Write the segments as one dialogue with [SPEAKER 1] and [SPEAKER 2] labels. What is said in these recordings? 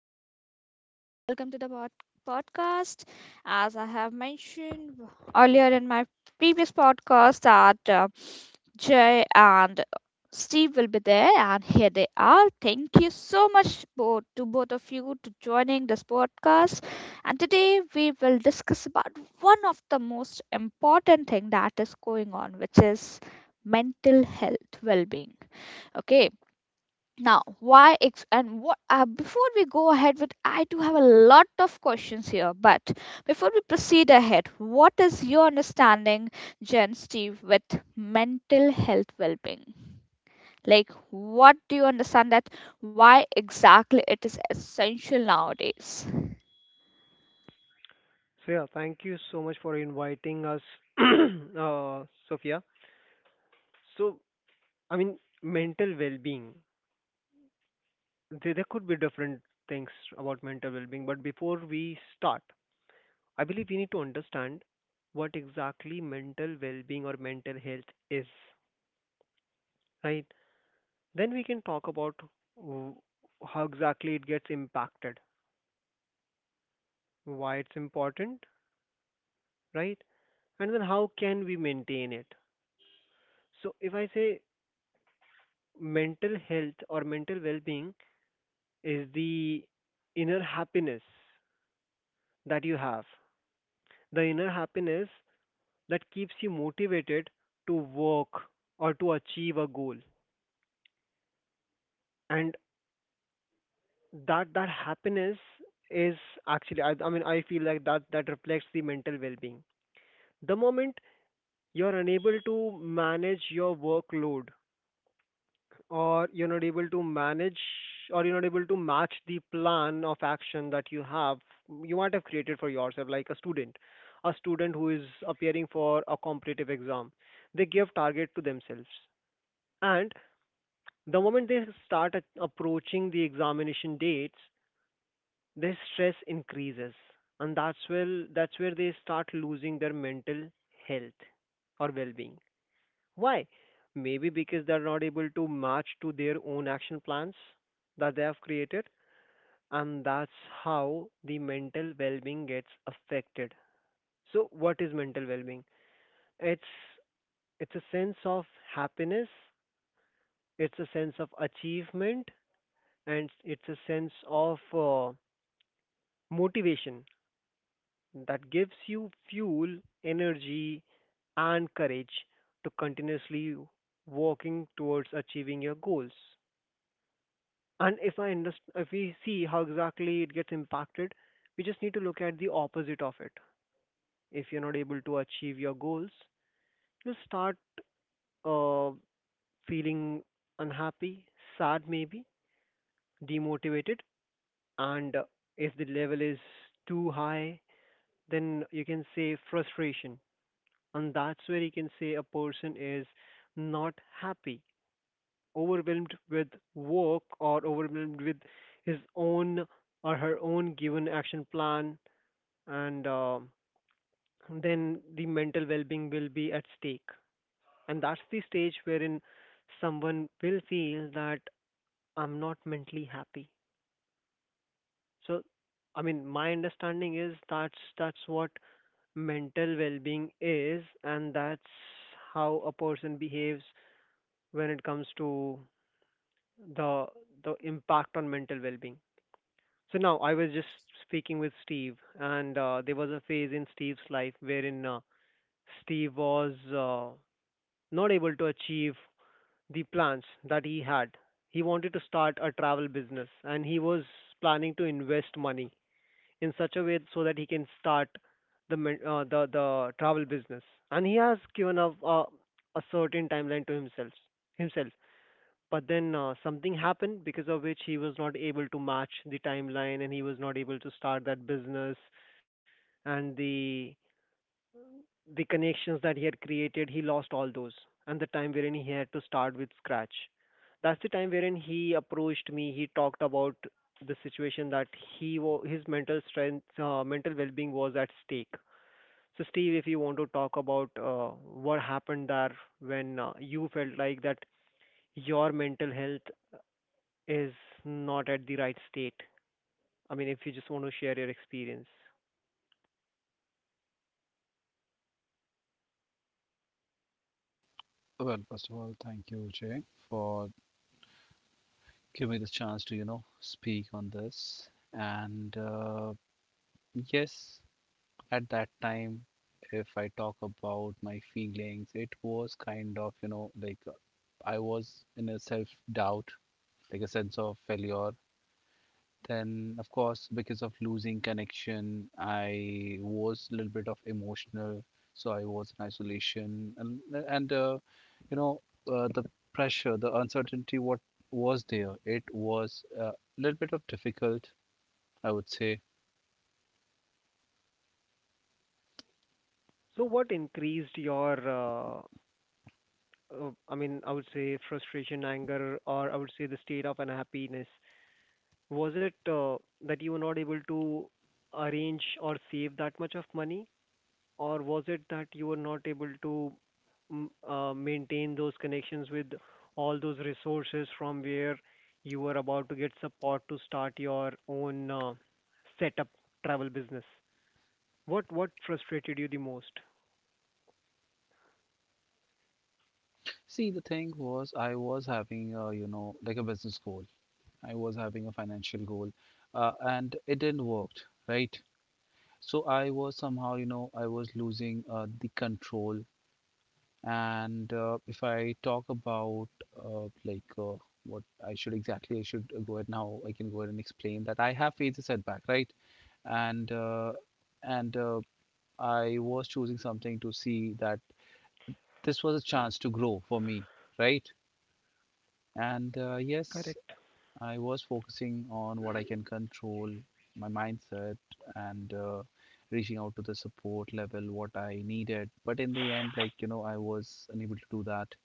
[SPEAKER 1] hi everyone, and welcome to the podcast. As I have mentioned earlier in my previous podcast, that Jay and Steve will be there, and here they are. Thank you so much both to both of you to joining this podcast. And today we will discuss about one of the most important thing that is going on, which is mental health well-being. Okay, now why ex- and what before we go ahead with, I do have a lot of questions here, but before we proceed ahead, what is your understanding, Jen, Steve, with mental health well-being? Like, what do you understand that why exactly it is essential nowadays?
[SPEAKER 2] So yeah, thank you so much for inviting us, Sophia. So mental well-being. There could be different things about mental well-being, but before we start, I believe we need to understand what exactly mental well-being or mental health is, right? Then we can talk about w- how exactly it gets impacted, why it's important, right? And then how can we maintain it? So if I say mental health or mental well-being is the inner happiness that you have. The inner happiness that keeps you motivated to work or to achieve a goal. And that happiness is actually I mean I feel like that reflects the mental well-being. The moment you're unable to manage your workload, or you're not able to manage, or you're not able to match the plan of action that you have, you might have created for yourself, like a student, a student who is appearing for a competitive exam. They give target to themselves, and the moment they start approaching the examination dates, their stress increases, and that's where they start losing their mental health or well-being. Why? Maybe because they're not able to match to their own action plans that they have created, and that's how the mental well-being gets affected. So, what is mental well-being? It's it's a sense of happiness, it's a sense of achievement, and it's a sense of motivation that gives you fuel, energy, and courage to continuously working towards achieving your goals. And if I underst- if we see how exactly it gets impacted, we just need to look at the opposite of it. If you're not able to achieve your goals, you'll start uh, feeling unhappy, sad, maybe demotivated, and if the level is too high, then you can say frustration, and that's where you can say a person is not happy, overwhelmed with work, or overwhelmed with his own or her own given action plan, and then the mental well-being will be at stake, and that's the stage wherein someone will feel that I'm not mentally happy. So my understanding is that's what mental well-being is, and that's how a person behaves when it comes to the the impact on mental well-being. So now I was just speaking with Steve, and there was a phase in Steve's life wherein Steve was not able to achieve the plans that he had. He wanted to start a travel business and he was planning to invest money in such a way so that he can start the men- the travel business. And he has given up a certain timeline to himself. But then something happened because of which he was not able to match the timeline and he was not able to start that business, and the connections that he had created, he lost all those. And the time wherein he had to start with scratch. That's the time wherein he approached me. He talked about the situation that his mental strength, mental well-being was at stake. So, Steve, if you want to talk about what happened there when you felt like that your mental health is not at the right state. I mean, if you just want to share your experience.
[SPEAKER 3] Well, first of all, thank you, Jay, for giving me the chance to, you know, speak on this. And yes, at that time, if I talk about my feelings, it was kind of, you know, I was in a self doubt, like a sense of failure. Then, of course, because of losing connection, I was a little bit of emotional. So I was in isolation, and and uh, you know uh, the pressure, the uncertainty, what was there? It was a little bit of difficult, I would say.
[SPEAKER 2] So, what increased your uh, I mean, I would say frustration, anger, or I would say the state of unhappiness? Was it that you were not able to arrange or save that much of money, or was it that you were not able to maintain those connections with all those resources from where you were about to get support to start your own setup travel business? What frustrated you the most?
[SPEAKER 3] See, the thing was, I was having a, you know, like a business goal. I was having a financial goal, and it didn't work, right? So I was somehow, you know, I was losing the control. And if I talk about uh, like uh, what I should exactly, I should go ahead now. I can go ahead and explain that I have faced a setback, right? And uh, and I was choosing something to see that this was a chance to grow for me, right? And yes,
[SPEAKER 2] Correct.
[SPEAKER 3] I was focusing on what I can control, my mindset, and reaching out to the support level what I needed. But in the end, like you know, I was unable to do that.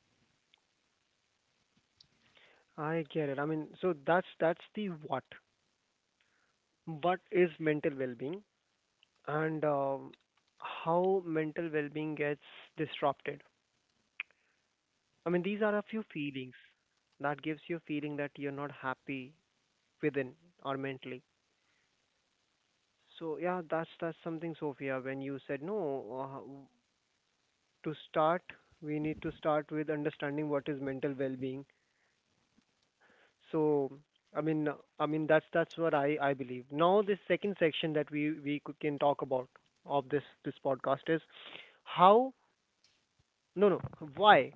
[SPEAKER 2] I get it. I mean, so that's the what. What is mental well-being, and how mental well-being gets disrupted. I mean, these are a few feelings that gives you a feeling that you're not happy within or mentally. So yeah, that's something, Sophia. When you said no, uh, w- to start, we need to start with understanding what is mental well-being. So I mean that's what I believe. Now this second section that we can talk about of this podcast is how. No, no. Why?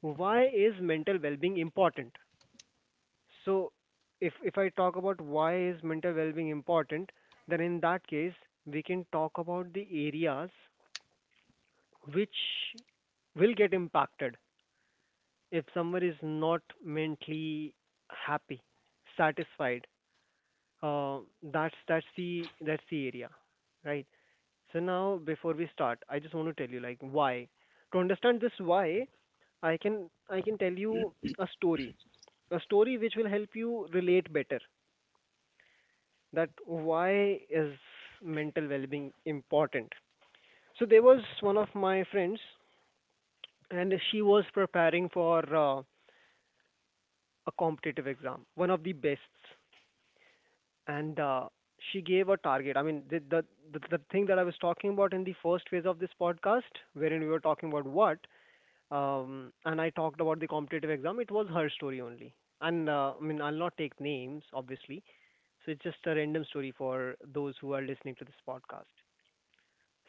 [SPEAKER 2] Why is mental well-being important? So, if I talk about why is mental well-being important, then in that case we can talk about the areas which will get impacted if someone is not mentally happy, satisfied. Uh, that's the area, right? So now before we start, I just want to tell you like why. To understand this why, I can tell you a story which will help you relate better that why is mental well-being important. So there was one of my friends, and she was preparing for a competitive exam, one of the best, and she gave a target. The thing that I was talking about in the first phase of this podcast wherein we were talking about what, and I talked about the competitive exam, it was her story only. And I'll not take names obviously. So it's just a random story for those who are listening to this podcast.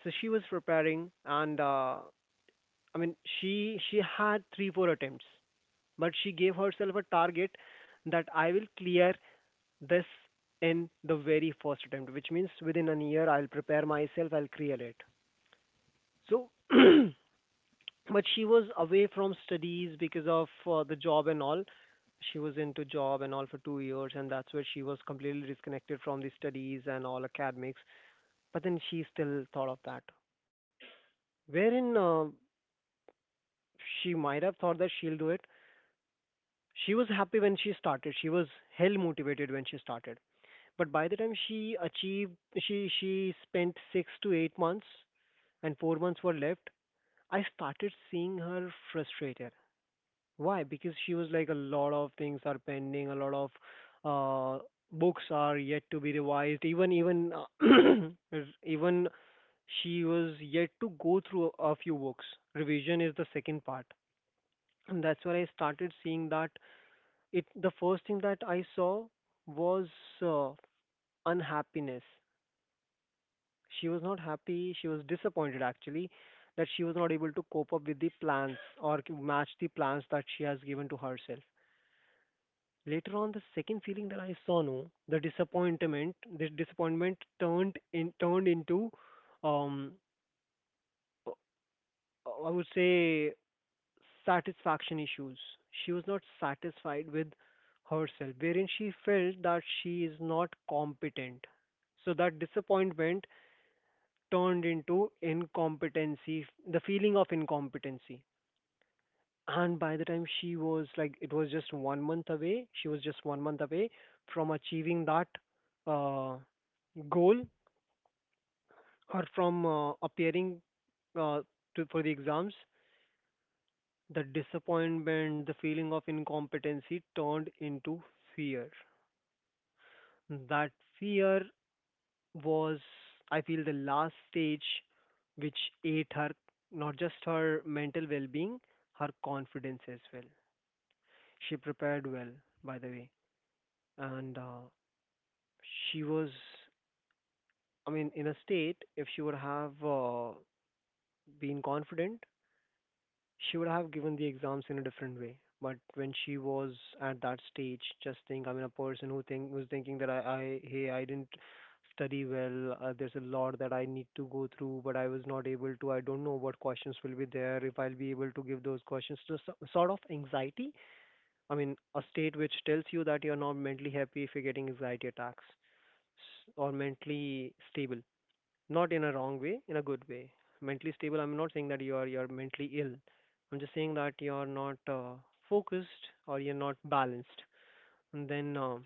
[SPEAKER 2] So she was preparing, and I mean, she had 3 4 attempts, but she gave herself a target that I will clear this in the very first attempt, which means within a year I'll prepare myself, I'll clear it. So, but she was away from studies because of the job and all. She was into job and all for 2 years, and that's where she was completely disconnected from the studies and all academics, but then she still thought of that. Wherein she might have thought that she'll do it. She was happy when she started. She was hell motivated when she started. But by the time she achieved, she spent 6 to 8 months, and 4 months were left. I started seeing her frustrated. Why? Because she was like a lot of things are pending. A lot of uh, books are yet to be revised. Even even even she was yet to go through a few books. Revision is the second part. And that's where I started seeing that it the first thing that I saw was uh, unhappiness. She was not happy, she was disappointed actually that she was not able to cope up with the plans or match the plans that she has given to herself. Later on, the second feeling that I saw, no, the disappointment, this disappointment turned in turned into, um, I would say satisfaction issues. She was not satisfied with herself, wherein she felt that she is not competent. So that disappointment turned into incompetency, the feeling of incompetency. And by the time she was like, it was just 1 month away, she was just 1 month away from achieving that uh, goal or from appearing uh, for the exams. The disappointment, the feeling of incompetency turned into fear. That fear was, I feel, the last stage which ate her, not just her mental well being, her confidence as well. She prepared well, by the way. And she was, I mean, in a state, if she would have been confident, she would have given the exams in a different way. But when she was at that stage, just think, I mean, a person who's thinking that I hey, I didn't study well. There's a lot that I need to go through, but I was not able to. I don't know what questions will be there. If I'll be able to give those questions, just sort of anxiety. I mean, a state which tells you that you're not mentally happy if you're getting anxiety attacks or mentally stable, not in a wrong way, in a good way. Mentally stable, I'm not saying that you are, you're mentally ill. I'm just saying that you're not focused or you're not balanced. And then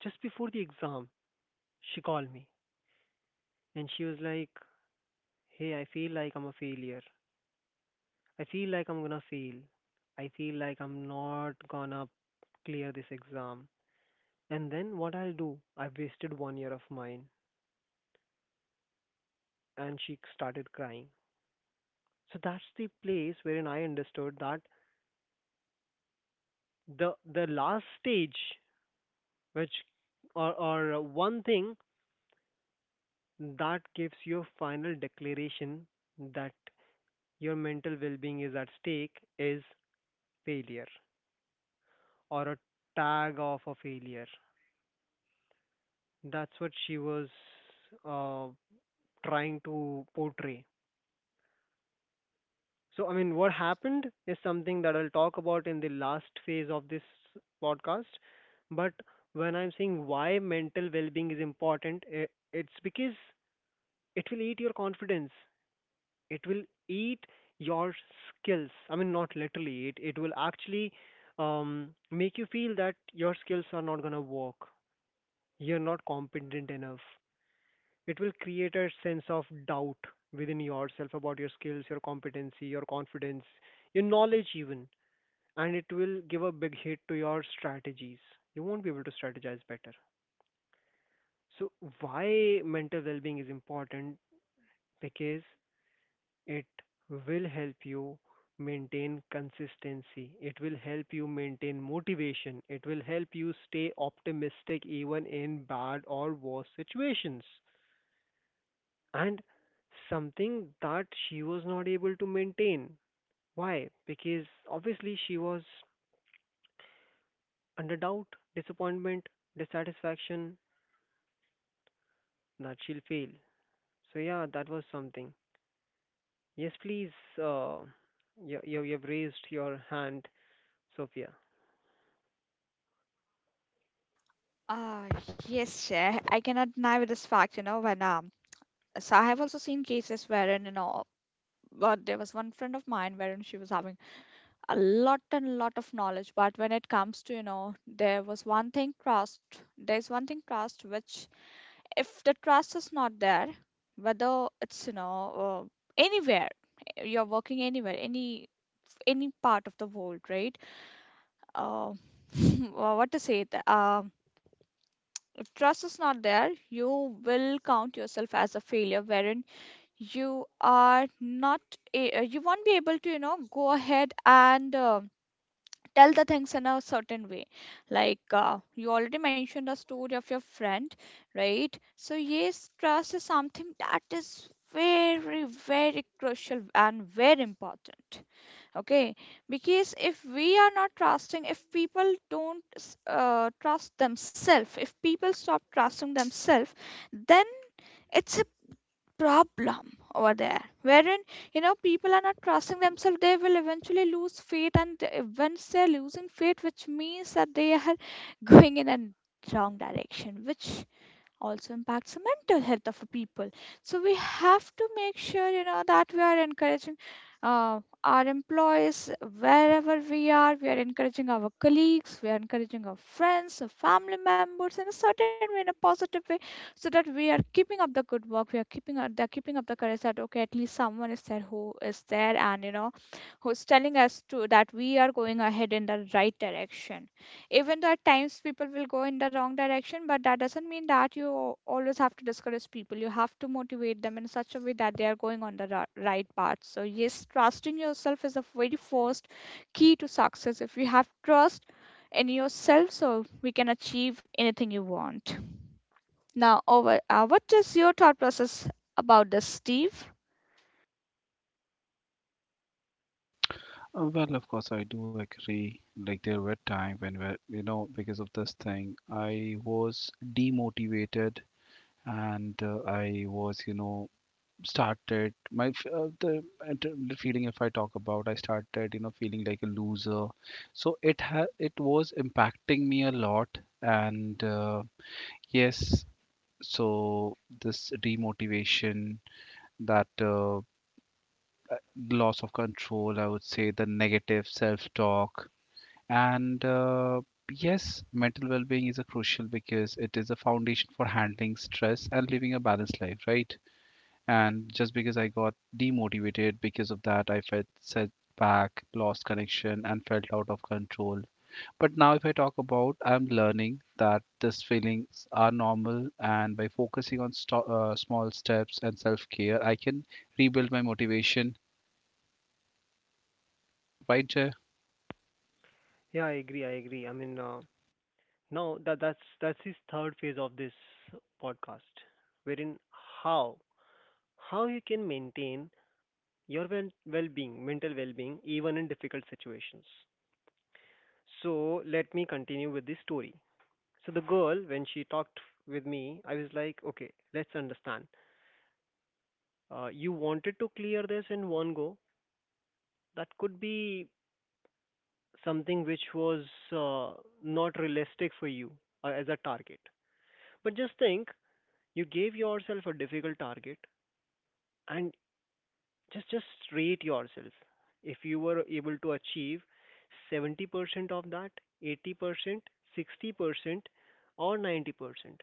[SPEAKER 2] just before the exam she called me and she was like, "Hey, I feel like I'm a failure. I feel like I'm gonna fail. I feel like I'm not gonna clear this exam. And then what I'll do? I've wasted 1 year of mine." And she started crying. So that's the place wherein I understood that the last stage which, or one thing that gives your final declaration that your mental well-being is at stake, is failure or a tag of a failure. That's what she was uh, trying to portray. So I mean, what happened is something that I'll talk about in the last phase of this podcast. But when I'm saying why mental well-being is important, it's because it will eat your confidence. It will eat your skills. I mean, not literally, it will actually make you feel that your skills are not going to work, you're not competent enough. It will create a sense of doubt within yourself about your skills, your competency, your confidence, your knowledge even. And it will give a big hit to your strategies. You won't be able to strategize better. So, why mental well-being is important, because it will help you maintain consistency. It will help you maintain motivation. It will help you stay optimistic even in bad or worse situations. And something that she was not able to maintain. Why? Because obviously she was under doubt, disappointment, dissatisfaction that she'll fail. So, yeah, that was something. Yes, please. Uh, you've raised your hand, Sophia.
[SPEAKER 1] Uh, yes, Chair. I cannot deny with this fact, you know, when so I have also seen cases wherein, you know, but there was one friend of mine wherein she was having a lot and lot of knowledge, but when it comes to, you know, there was one thing trust there's one thing, trust, which if the trust is not there, whether it's, you know, anywhere, you're working anywhere, any part of the world, right? uh, wha- what to say th- If trust is not there, you will count yourself as a failure, wherein you are not you won't be able to, you know, go ahead and, tell the things in a certain way, like, you already mentioned the story of your friend, right? So yes, trust is something that is very, very crucial and very important. Okay, because if we are not trusting, if people don't trust themselves, if people stop trusting themselves, then it's a problem over there, wherein, you know, people are not trusting themselves, they will eventually lose faith, and once they're losing faith, which means that they are going in a wrong direction, which also impacts the mental health of a people. So we have to make sure, you know, that we are encouraging our employees, wherever we are, we are encouraging our colleagues, we are encouraging our friends, our family members, in a certain way, in a positive way, so that we are keeping up the good work we are keeping up they are keeping up the courage that, okay, at least someone is there who is there, and, you know, who's telling us to that we are going ahead in the right direction. Even at times people will go in the wrong direction, but that doesn't mean that you always have to discourage people. You have to motivate them in such a way that they are going on the right path. So yes, trusting yourself is the very first key to success. If you have trust in yourself, so we can achieve anything you want. Now over, what is your thought process about this, Steve?
[SPEAKER 3] Well, of course, I do agree. Like there were times when, where, you know, because of this thing, I was demotivated and I was, you know, started the feeling if I talk about, I started, you know, feeling like a loser. So it was impacting me a lot, and yes, so this demotivation that loss of control, I would say the negative self-talk. And yes, mental well being is a crucial because it is a foundation for handling stress and living a balanced life, right? And just because I got demotivated because of that, I felt set back, lost connection, and felt out of control. But now, if I talk about, I'm learning that these feelings are normal, and by focusing on small steps and self care, I can rebuild my motivation. Right, Jay?
[SPEAKER 2] Yeah, I agree. I agree. I mean, now that that's his third phase of this podcast, wherein how how you can maintain your well-being, mental well-being, even in difficult situations. So let me continue with this story. So the girl, when she talked with me, I was like, okay, let's understand. You wanted to clear this in one go. That could be something which was uh, not realistic for you as a target. But just think, you gave yourself a difficult target, and just rate yourself. If you were able to achieve 70% of that, 80%, 60%, or 90%,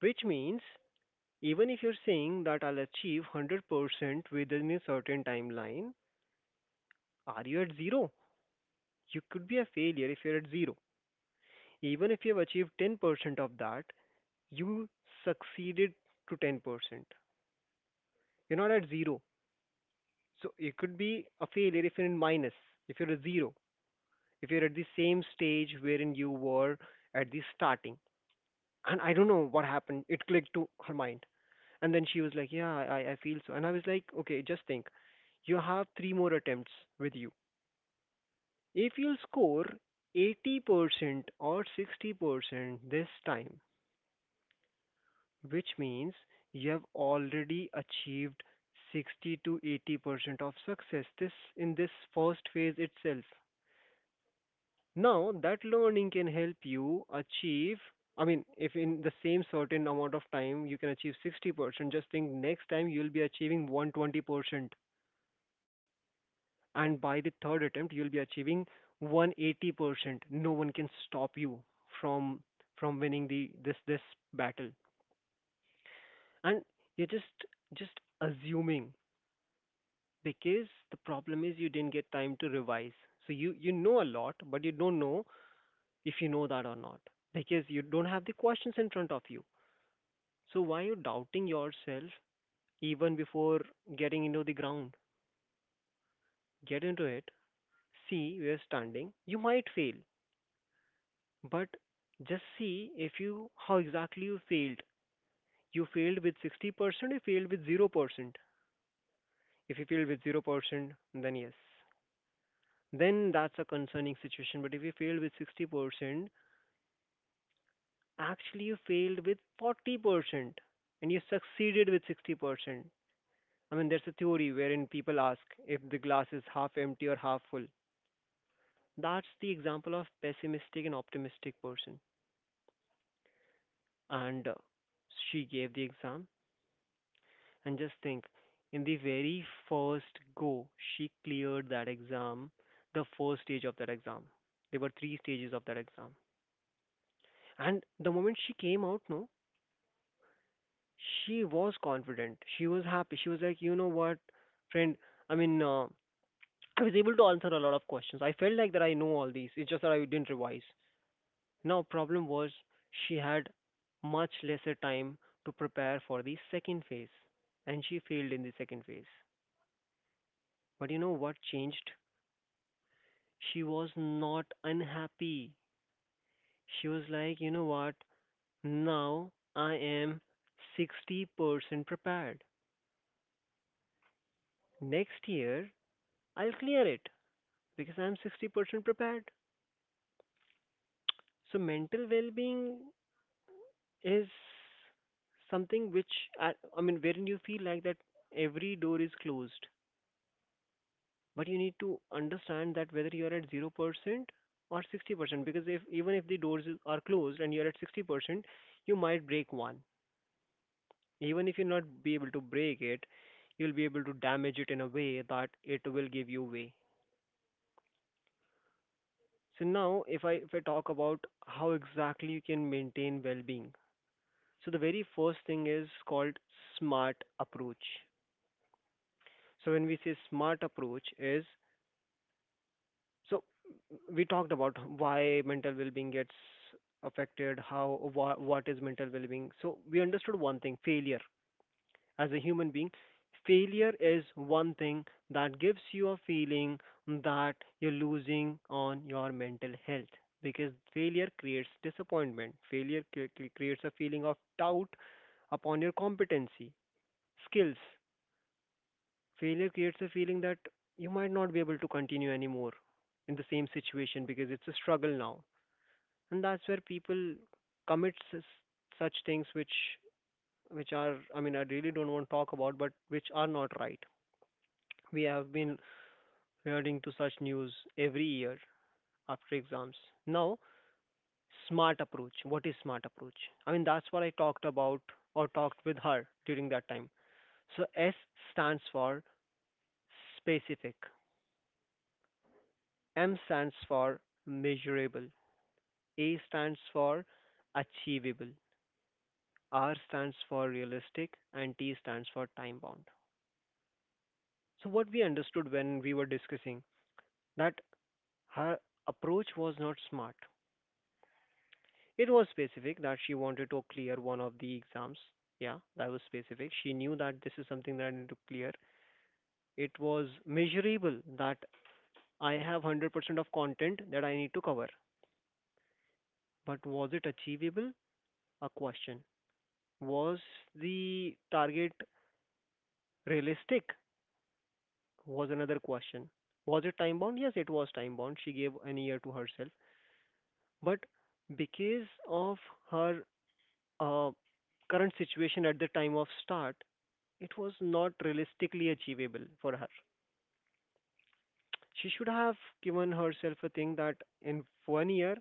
[SPEAKER 2] which means even if you're saying that I'll achieve 100% within a certain timeline, are you at zero? You could be a failure if you're at zero. Even if you've achieved 10% of that, you succeeded to 10%. You're not at zero. So it could be a failure if you're in minus, if you're a zero, if you're at the same stage wherein you were at the starting. And I don't know what happened. It clicked to her mind. And then she was like, "Yeah, I feel so." And I was like, "Okay, just think. You have three more attempts with you. If you'll score 80% or 60% this time, which means you have already achieved 60 to 80% of success this in this first phase itself." Now, that learning can help you achieve, I mean, if in the same certain amount of time you can achieve 60%, just think, next time you'll be achieving 120%. And by the third attempt, you'll be achieving 180%. No one can stop you from from winning the this battle. And you're just assuming, because the problem is you didn't get time to revise. So you know a lot, but you don't know if you know that or not, because you don't have the questions in front of you. So why you doubting yourself even before getting into the ground? Get into it. See where you're standing. You might fail, but just see if you, how exactly you failed. You failed with 60%? You failed with 0%? If you failed with 0%, then yes, then that's a concerning situation. But if you failed with 60%, actually you failed with 40% and you succeeded with 60%. I mean, there's a theory wherein people ask if the glass is half empty or half full. That's the example of pessimistic and optimistic person. And she gave the exam. And just think, in the very first go, she cleared that exam, the first stage of that exam. There were three stages of that exam. And the moment she came out, no, she was confident. She was happy. She was like, you know what, friend, I mean, I was able to answer a lot of questions. I felt like that I know all these. It's just that I didn't revise. Now, problem was, she had much lesser time to prepare for the second phase, and she failed in the second phase. But you know what changed? She was not unhappy. She was like, you know what? Now I am 60% prepared. Next year, I'll clear it because I'm 60% prepared. So mental well-being is something which I mean, wherein you feel like that every door is closed, but you need to understand that whether you are at 0% or 60%, because if, even if the are closed and you are at 60%, you might break one. Even if you not be able to break it, you'll be able to damage it in a way that it will give you way. So now, if I talk about how exactly you can maintain well-being, so the very first thing is called smart approach. So when we say smart approach is, so we talked about why mental well-being gets affected, how what is mental well-being. So we understood one thing: failure. As a human being, failure is one thing that gives you a feeling that you're losing on your mental health, because failure creates disappointment. Failure creates a feeling of doubt upon your competency, skills. Failure creates a feeling that you might not be able to continue anymore in the same situation because it's a struggle now. And that's where people commit such things which are, I mean, I really don't want to talk about, but which are not right. We have been hearing to such news every year after exams. Now, smart approach. What is smart approach? I mean, that's what I talked about or talked with her during that time. So S stands for specific. M stands for measurable, A stands for achievable, R stands for realistic, and T stands for time bound. So, what we understood when we were discussing that her approach was not smart. It was specific that she wanted to clear one of the exams. Yeah, that was specific. She knew that this is something that I need to clear. It was measurable that I have 100% of content that I need to cover. But was it achievable? A question. Was the target realistic? Was another question. Was it time bound? Yes, it was time bound. She gave an year to herself. But because of her uh, current situation at the time of start, it was not realistically achievable for her. She should have given herself a thing that in 1 year,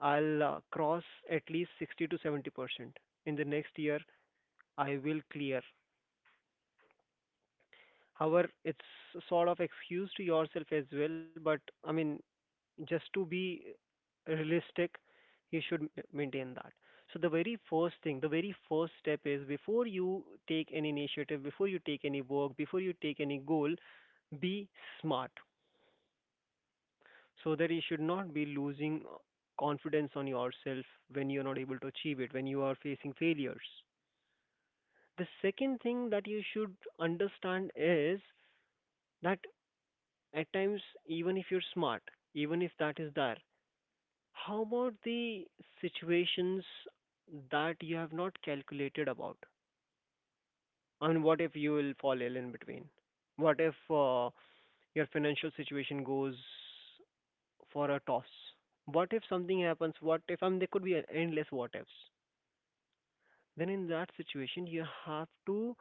[SPEAKER 2] I'll cross at least 60 to 70%. In the next year, I will clear. However, it's sort of excuse to yourself as well. But I mean, just to be realistic, you should maintain that. So the very first thing, the very first step is, before you take any initiative, before you take any work, before you take any goal, be smart, so that you should not be losing confidence on yourself when you're not able to achieve it, when you are facing failures. The second thing that you should understand is that at times, even if you're smart, even if that is there, how about the situations that you have not calculated about? I mean, what if you will fall ill in between? What if your financial situation goes for a toss? What if something happens? What if, I mean, there could be endless what ifs. Then in that situation, you have to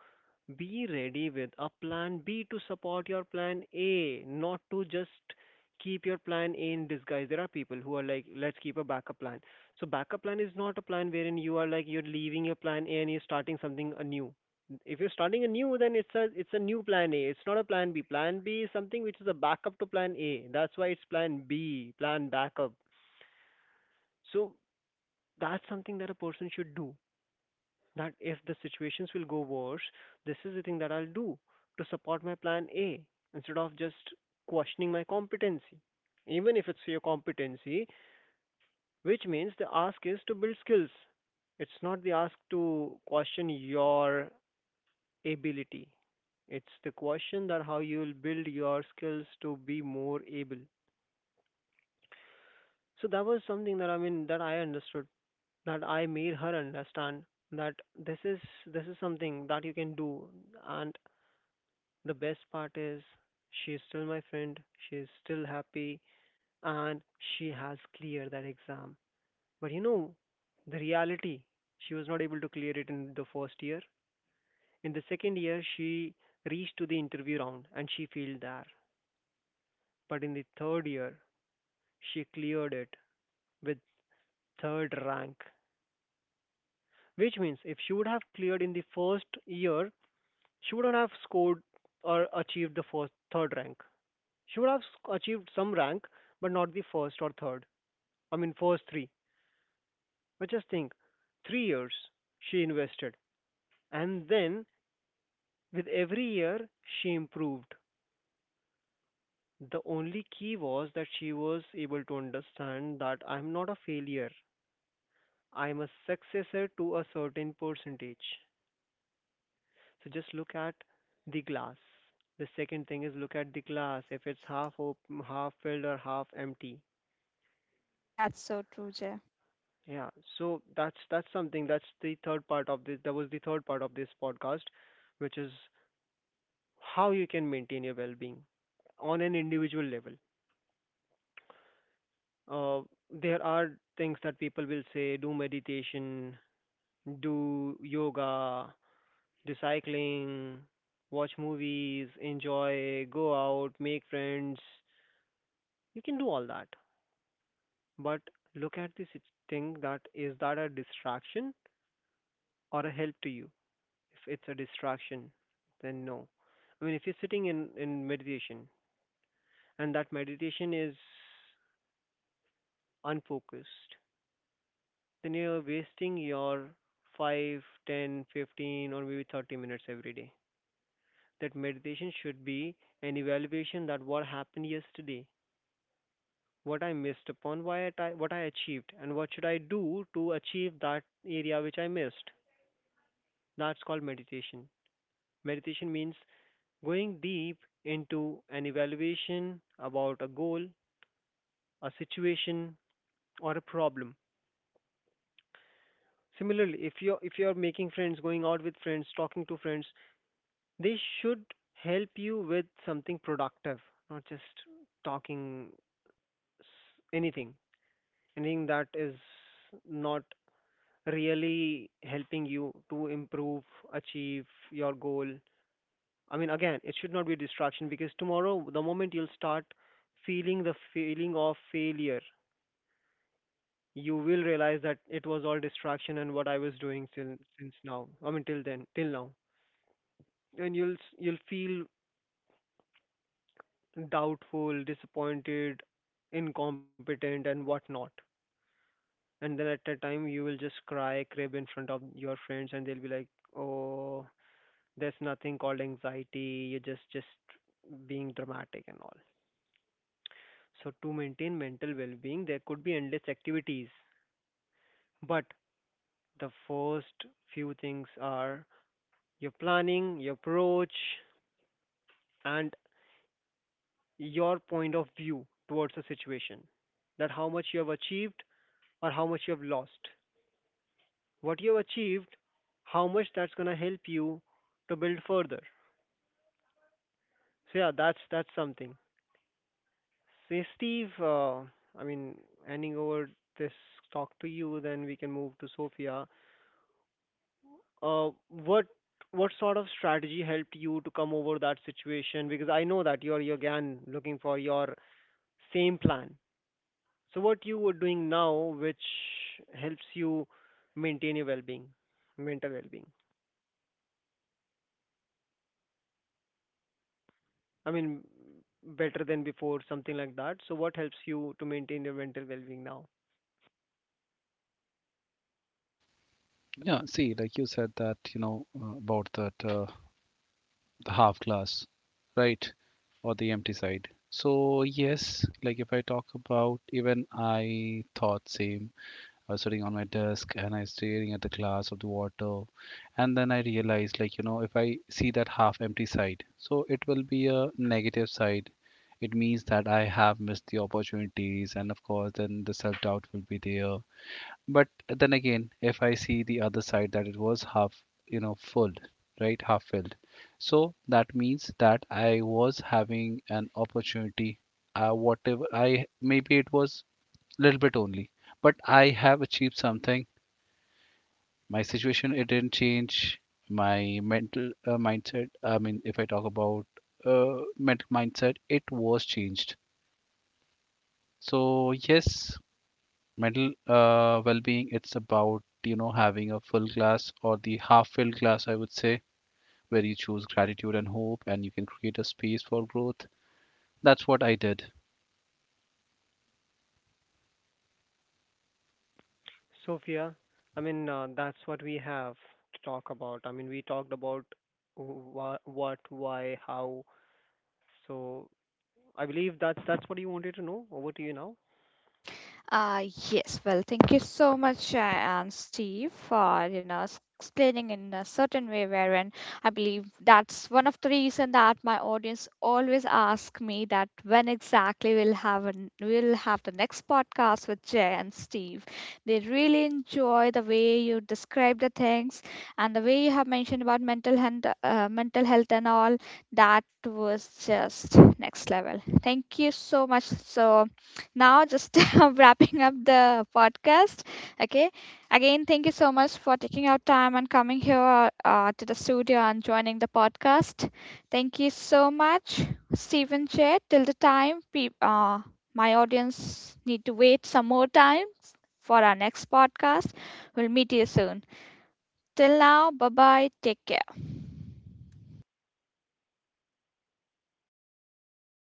[SPEAKER 2] be ready with a plan B to support your plan A, not to just keep your plan A in disguise. There are people who are like, let's keep a backup plan. So backup plan is not a plan wherein you are like, you're leaving your plan A and you're starting something anew. If you're starting a new, then it's a new plan A. It's not a plan B. Plan B is something which is a backup to plan A. That's why it's plan B, plan backup. So that's something that a person should do, that if the situations will go worse, this is the thing that I'll do to support my plan A instead of just questioning my competency. Even if it's your competency, which means the ask is to build skills. It's not the ask to question your ability. It's the question that how you will build your skills to be more able. So that was something that, I mean, that I understood, that I made her understand, that this is, this is something that you can do. And the best part is, she is still my friend, she is still happy, and she has cleared that exam. But you know, the reality, she was not able to clear it in the first year. In the second year, she reached to the interview round and she failed there. But in the third year, she cleared it with third rank, which means if she would have cleared in the first year, she wouldn't have scored or achieved the first third rank. She would have achieved some rank, but not the first or third. I mean, first three. But just think, 3 years she invested, and then with every year she improved. The only key was that she was able to understand that I'm not a failure, I'm a successor to a certain percentage. So just look at the glass. The second thing is, look at the glass if it's half open, half filled, or half empty.
[SPEAKER 1] That's so true, Jay.
[SPEAKER 2] Yeah, so that's something. That's the third part of this. That was the third part of this podcast, which is how you can maintain your well-being on an individual level. Uh, there are things that people will say: do meditation, do yoga, do cycling, watch movies, enjoy, go out, make friends. You can do all that, but look at this thing, that is that a distraction or a help to you? If it's a distraction, then no. I mean, if you're sitting in meditation and that meditation is unfocused, then you're wasting your 5, 10, 15, or maybe 30 minutes every day. That meditation should be an evaluation that what happened yesterday, what I missed upon, why I, what I achieved, and what should I do to achieve that area which I missed. That's called meditation. Meditation means going deep into an evaluation about a goal, a situation, or a problem. Similarly, if you're making friends, going out with friends, talking to friends, they should help you with something productive, not just talking s- anything, anything that is not really helping you to improve, achieve your goal. I mean, again, it should not be a distraction, because tomorrow, the moment you'll start feeling the feeling of failure, you will realize that it was all distraction and what I was doing till since now. I mean, till then, till now, and you'll feel doubtful, disappointed, incompetent, and whatnot. And then at that time, you will just cry, crib in front of your friends, and they'll be like, "Oh, there's nothing called anxiety. You're just being dramatic and all." So to maintain mental well-being, there could be endless activities, but the first few things are your planning, your approach, and your point of view towards the situation. That how much you have achieved or how much you have lost, what you've achieved, how much that's going to help you to build further. So yeah, that's something. Say Steve, I mean, handing over this talk to you, then we can move to Sophia. Uh, what what sort of strategy helped you to come over that situation? Because I know that you're again looking for your same plan. So what you were doing now, which helps you maintain your well-being, mental well-being. I mean, better than before, something like that. So, what helps you to maintain your mental well-being now?
[SPEAKER 3] Yeah, see, like you said that, you know, about that. The half glass, right? Or the empty side. So yes, like if I talk about, even I thought same. I was sitting on my desk and I was staring at the glass of the water, and then I realized, like you know, if I see that half empty side, so it will be a negative side. It means that I have missed the opportunities, and of course then the self doubt will be there. But then again, if I see the other side, that it was half, you know, full, right? Half filled. So that means that I was having an opportunity. Whatever I, maybe it was a little bit only, but I have achieved something. My situation, it didn't change. My mental mindset, I mean, if I talk about mental mindset, it was changed. So yes, mental well-being, it's about, you know, having a full glass or the half filled glass, I would say, where you choose gratitude and hope and you can create a space for growth. That's what I did.
[SPEAKER 2] Sophia, I mean, that's what we have to talk about. I mean, we talked about what, why, how. So, I believe that's what you wanted to know. Over to you now.
[SPEAKER 1] Uh, yes, well, thank you so much, and Steve, for, you know, explaining in a certain way wherein I believe that's one of the reason that my audience always ask me that when exactly we'll have the next podcast with Jay and Steve. They really enjoy the way you describe the things and the way you have mentioned about mental health and all. That was just next level. Thank you so much. So now, just wrapping up the podcast. Okay. Again, thank you so much for taking out time and coming here to the studio and joining the podcast. Thank you so much, Stephen, Chair. Till the time, my audience need to wait some more time for our next podcast. We'll meet you soon. Till now, bye bye. Take care.